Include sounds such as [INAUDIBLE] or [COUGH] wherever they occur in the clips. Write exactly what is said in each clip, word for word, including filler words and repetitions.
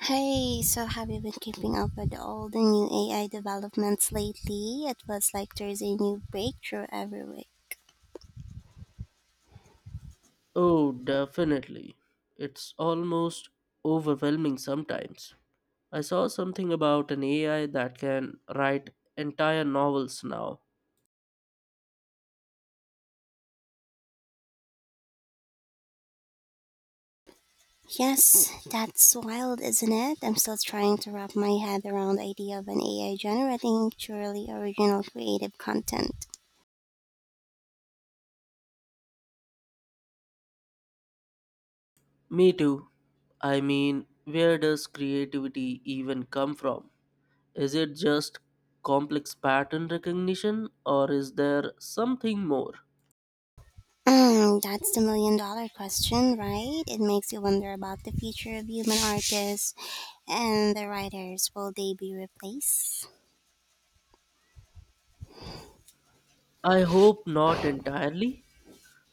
Hey, so have you been keeping up with all the new A I developments lately? It was like there's a new breakthrough every week. Oh, definitely. It's almost overwhelming sometimes. I saw something about an A I that can write entire novels now. Yes, that's wild, isn't it? I'm still trying to wrap my head around the idea of an A I generating truly original creative content. Me too. I mean, where does creativity even come from? Is it just complex pattern recognition or is there something more? Mm, that's the million dollar question, right? It makes you wonder about the future of human artists and the writers. Will they be replaced? I hope not entirely.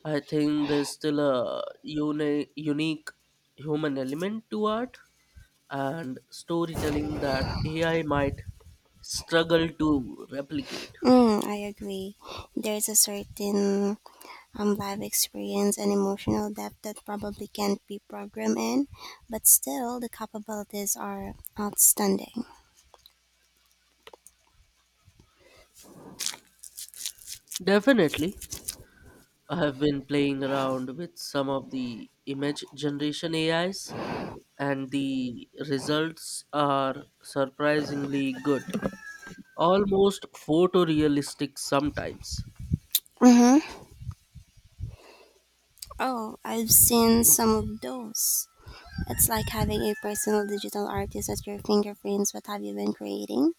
I think there's still a uni- unique human element to art and storytelling that A I might struggle to replicate. Mm, I agree. There's a certain um, life experience and emotional depth that probably can't be programmed in, but still the capabilities are outstanding. Definitely, I have been playing around with some of the image generation A Is, and the results are surprisingly good, almost photorealistic sometimes. Mm-hmm. Oh, I've seen some of those. It's like having a personal digital artist at your fingerprints. What have you been creating?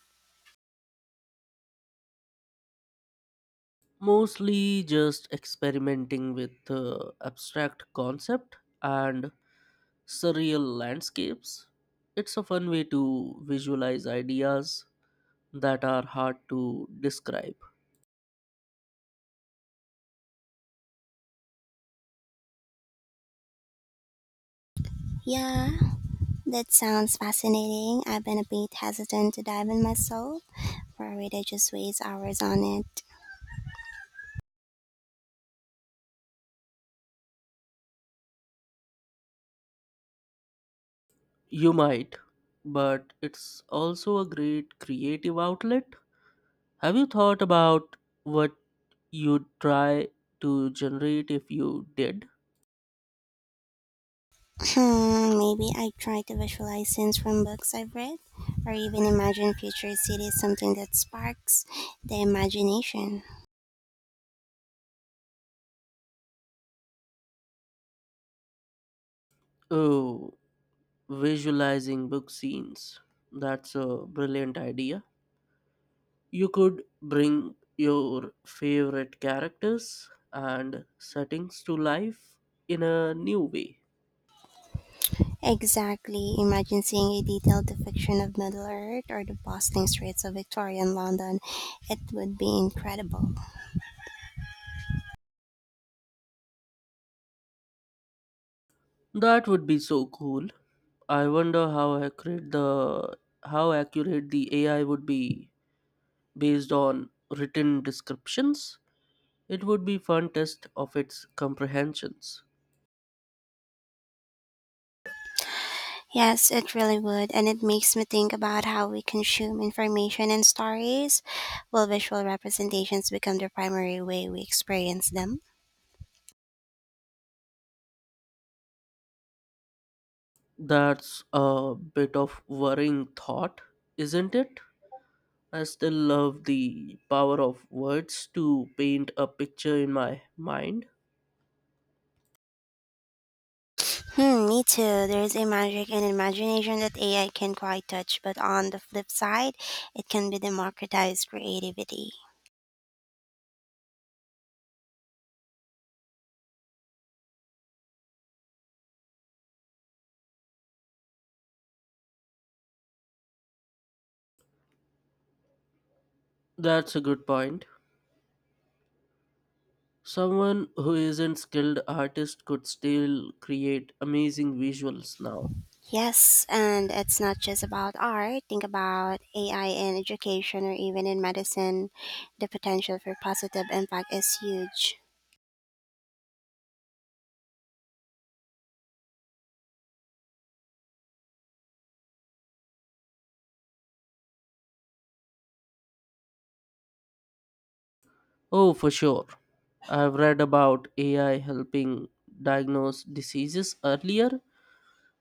Mostly just experimenting with uh, abstract concept and surreal landscapes. It's a fun way to visualize ideas that are hard to describe. Yeah, that sounds fascinating. I've been a bit hesitant to dive in myself, worried I just waste hours on it. You might, but it's also a great creative outlet. Have you thought about what you'd try to generate if you did? Hmm, maybe I try to visualize scenes from books I've read, or even imagine future cities, something that sparks the imagination. Oh, visualizing book scenes. That's a brilliant idea. You could bring your favorite characters and settings to life in a new way. Exactly, imagine seeing a detailed depiction of Middle Earth or the bustling streets of Victorian London. It would be incredible. That would be so cool. I wonder how accurate the how accurate the A I would be based on written descriptions. It would be fun test of its comprehensions. Yes, it really would, and it makes me think about how we consume information and stories. Will visual representations become the primary way we experience them? That's a bit of worrying thought, isn't it? I still love the power of words to paint a picture in my mind. Hmm, me too. There's a magic and imagination that A I can quite touch, but on the flip side, it can be democratized creativity. That's a good point. Someone who isn't skilled artist could still create amazing visuals now. Yes, and it's not just about art. Think about A I in education or even in medicine. The potential for positive impact is huge. Oh, for sure. I've read about A I helping diagnose diseases earlier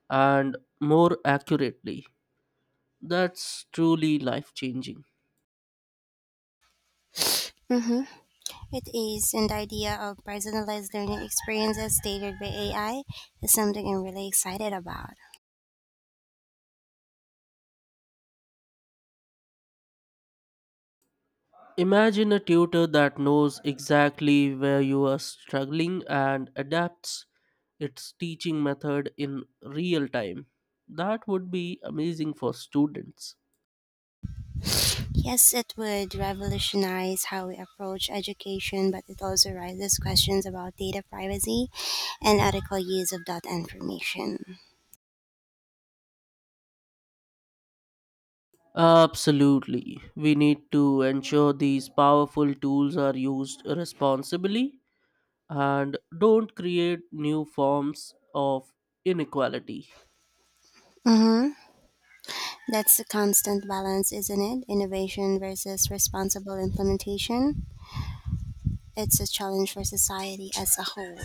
and more accurately. That's truly life changing. Mm-hmm. It is, and the idea of personalized learning experiences tailored by A I is something I'm really excited about. Imagine a tutor that knows exactly where you are struggling and adapts its teaching method in real time. That would be amazing for students. Yes, it would revolutionize how we approach education, but it also raises questions about data privacy and ethical use of that information. Absolutely. We need to ensure these powerful tools are used responsibly and don't create new forms of inequality. Mm-hmm. That's a constant balance, isn't it? Innovation versus responsible implementation. It's a challenge for society as a whole.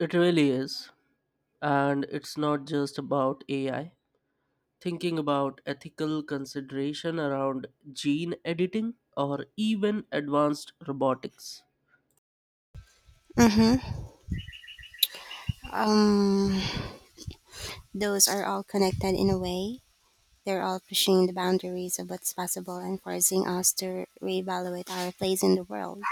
It really is. And it's not just about A I. Thinking about ethical consideration around gene editing or even advanced robotics. Mm-hmm. Um, those are all connected in a way. They're all pushing the boundaries of what's possible and forcing us to reevaluate our place in the world.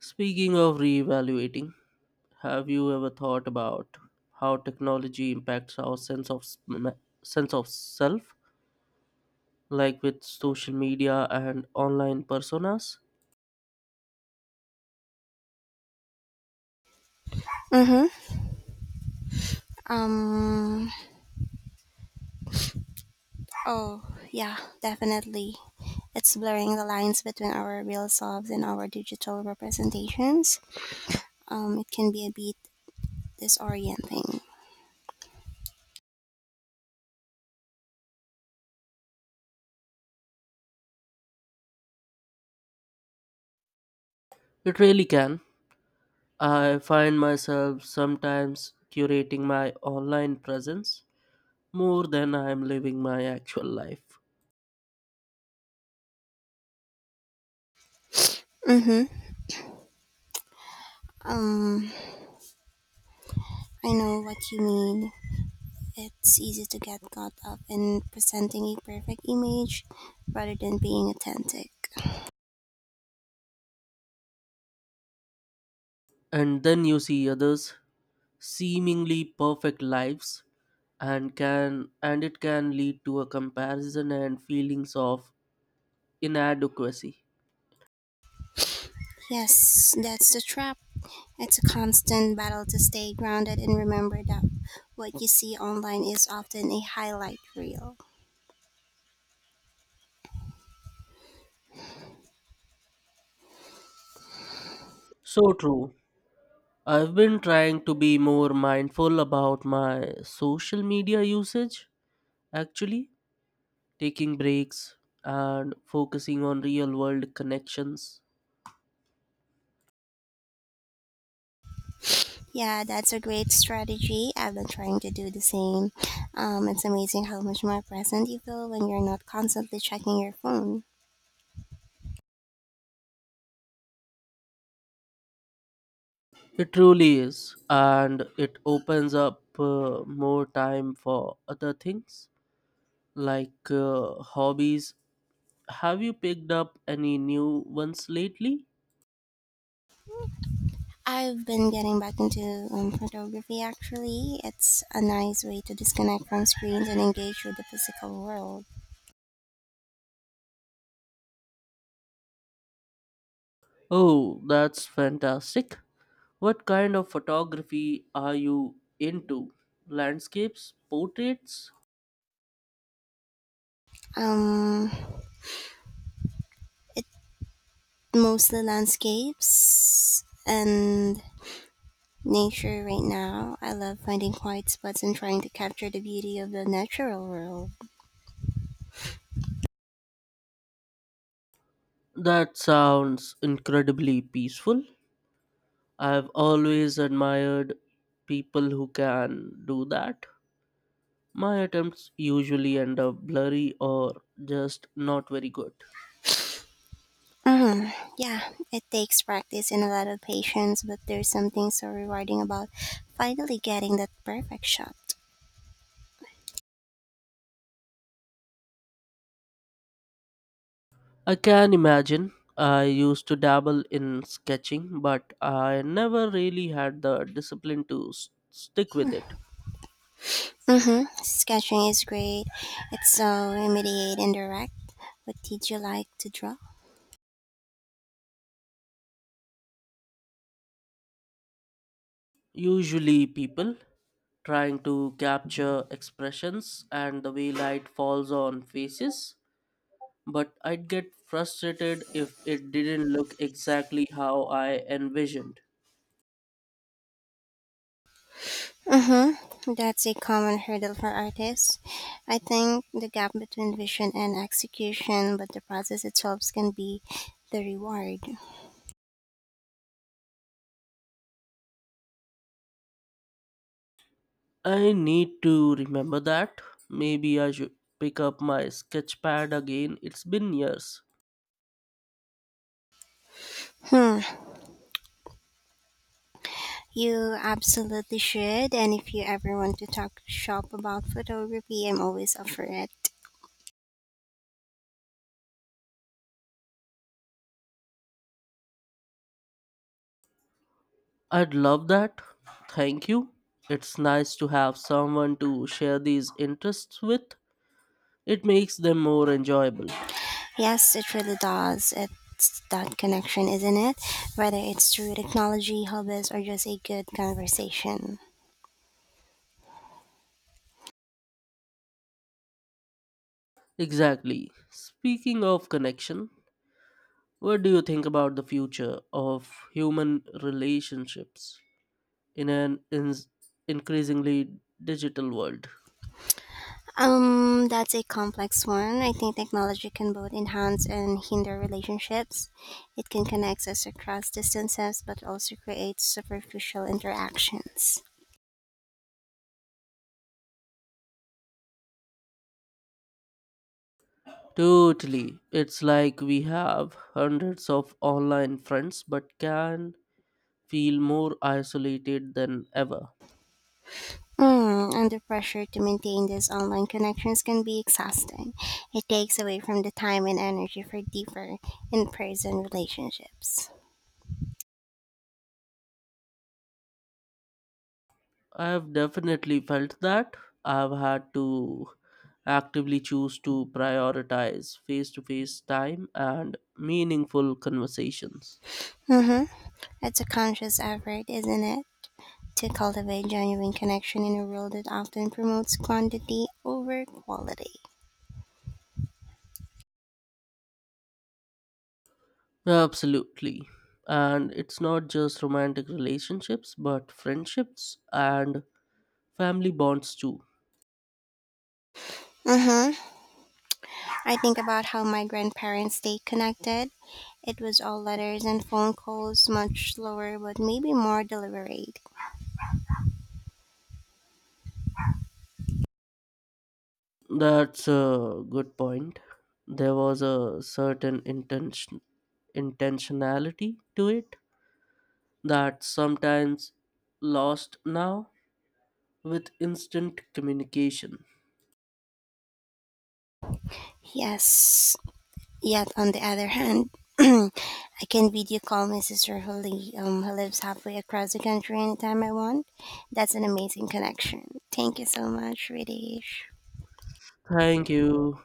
Speaking of reevaluating, have you ever thought about how technology impacts our sense of sm- sense of self, like with social media and online personas? Mm-hmm. Um, oh, yeah, definitely. It's blurring the lines between our real selves and our digital representations. Um, it can be a bit disorienting. It really can. I find myself sometimes curating my online presence more than I am living my actual life. Mm-hmm. Um, I know what you mean. It's easy to get caught up in presenting a perfect image rather than being authentic. And then you see others seemingly perfect lives and can and it can lead to a comparison and feelings of inadequacy. Yes, that's the trap. It's a constant battle to stay grounded and remember that what you see online is often a highlight reel. So true. I've been trying to be more mindful about my social media usage actually, taking breaks and focusing on real world connections. Yeah, that's a great strategy. I've been trying to do the same. Um, it's amazing how much more present you feel when you're not constantly checking your phone. It truly is, and it opens up uh, more time for other things like uh, hobbies. Have you picked up any new ones lately? I've been getting back into um, photography actually. It's a nice way to disconnect from screens and engage with the physical world. Oh, that's fantastic. What kind of photography are you into? Landscapes, portraits? Um, it Mostly landscapes and nature right now. I love finding quiet spots and trying to capture the beauty of the natural world. That sounds incredibly peaceful. I've always admired people who can do that. My attempts usually end up blurry or just not very good. hmm Yeah, it takes practice and a lot of patience, but there's something so rewarding about finally getting that perfect shot. I can imagine. I used to dabble in sketching, but I never really had the discipline to s- stick with it. hmm Sketching is great. It's so immediate and direct. What did you like to draw? Usually, people trying to capture expressions and the way light falls on faces, but I'd get frustrated if it didn't look exactly how I envisioned. Mm-hmm. That's a common hurdle for artists. I think the gap between vision and execution, but the process itself can be the reward. I need to remember that. Maybe I should pick up my sketch pad again. It's been years. Hmm. You absolutely should. And if you ever want to talk shop about photography, I'm always up for it. I'd love that. Thank you. It's nice to have someone to share these interests with. It makes them more enjoyable. Yes, it really does. It's that connection, isn't it? Whether it's through technology, hobbies, or just a good conversation. Exactly. Speaking of connection, what do you think about the future of human relationships in an in- increasingly digital world? Um, that's a complex one. I think technology can both enhance and hinder relationships. It can connect us across distances, but also creates superficial interactions. Totally. It's like we have hundreds of online friends but can feel more isolated than ever. Mm, under pressure to maintain these online connections can be exhausting. It takes away from the time and energy for deeper in person relationships. I've definitely felt that. I've had to actively choose to prioritize face to face time and meaningful conversations. Mm-hmm. It's a conscious effort, isn't it? To cultivate genuine connection in a world that often promotes quantity over quality. Absolutely. And it's not just romantic relationships but friendships and family bonds too. Mm-hmm. I think about how my grandparents stayed connected. It was all letters and phone calls, much slower, but maybe more deliberate. That's a good point. There was a certain intention, intentionality to it that sometimes lost now with instant communication. Yes. Yet, on the other hand, [CLEARS THROAT] I can video call my sister who, li- um, who lives halfway across the country anytime I want. That's an amazing connection. Thank you so much, Ridish. Thank you.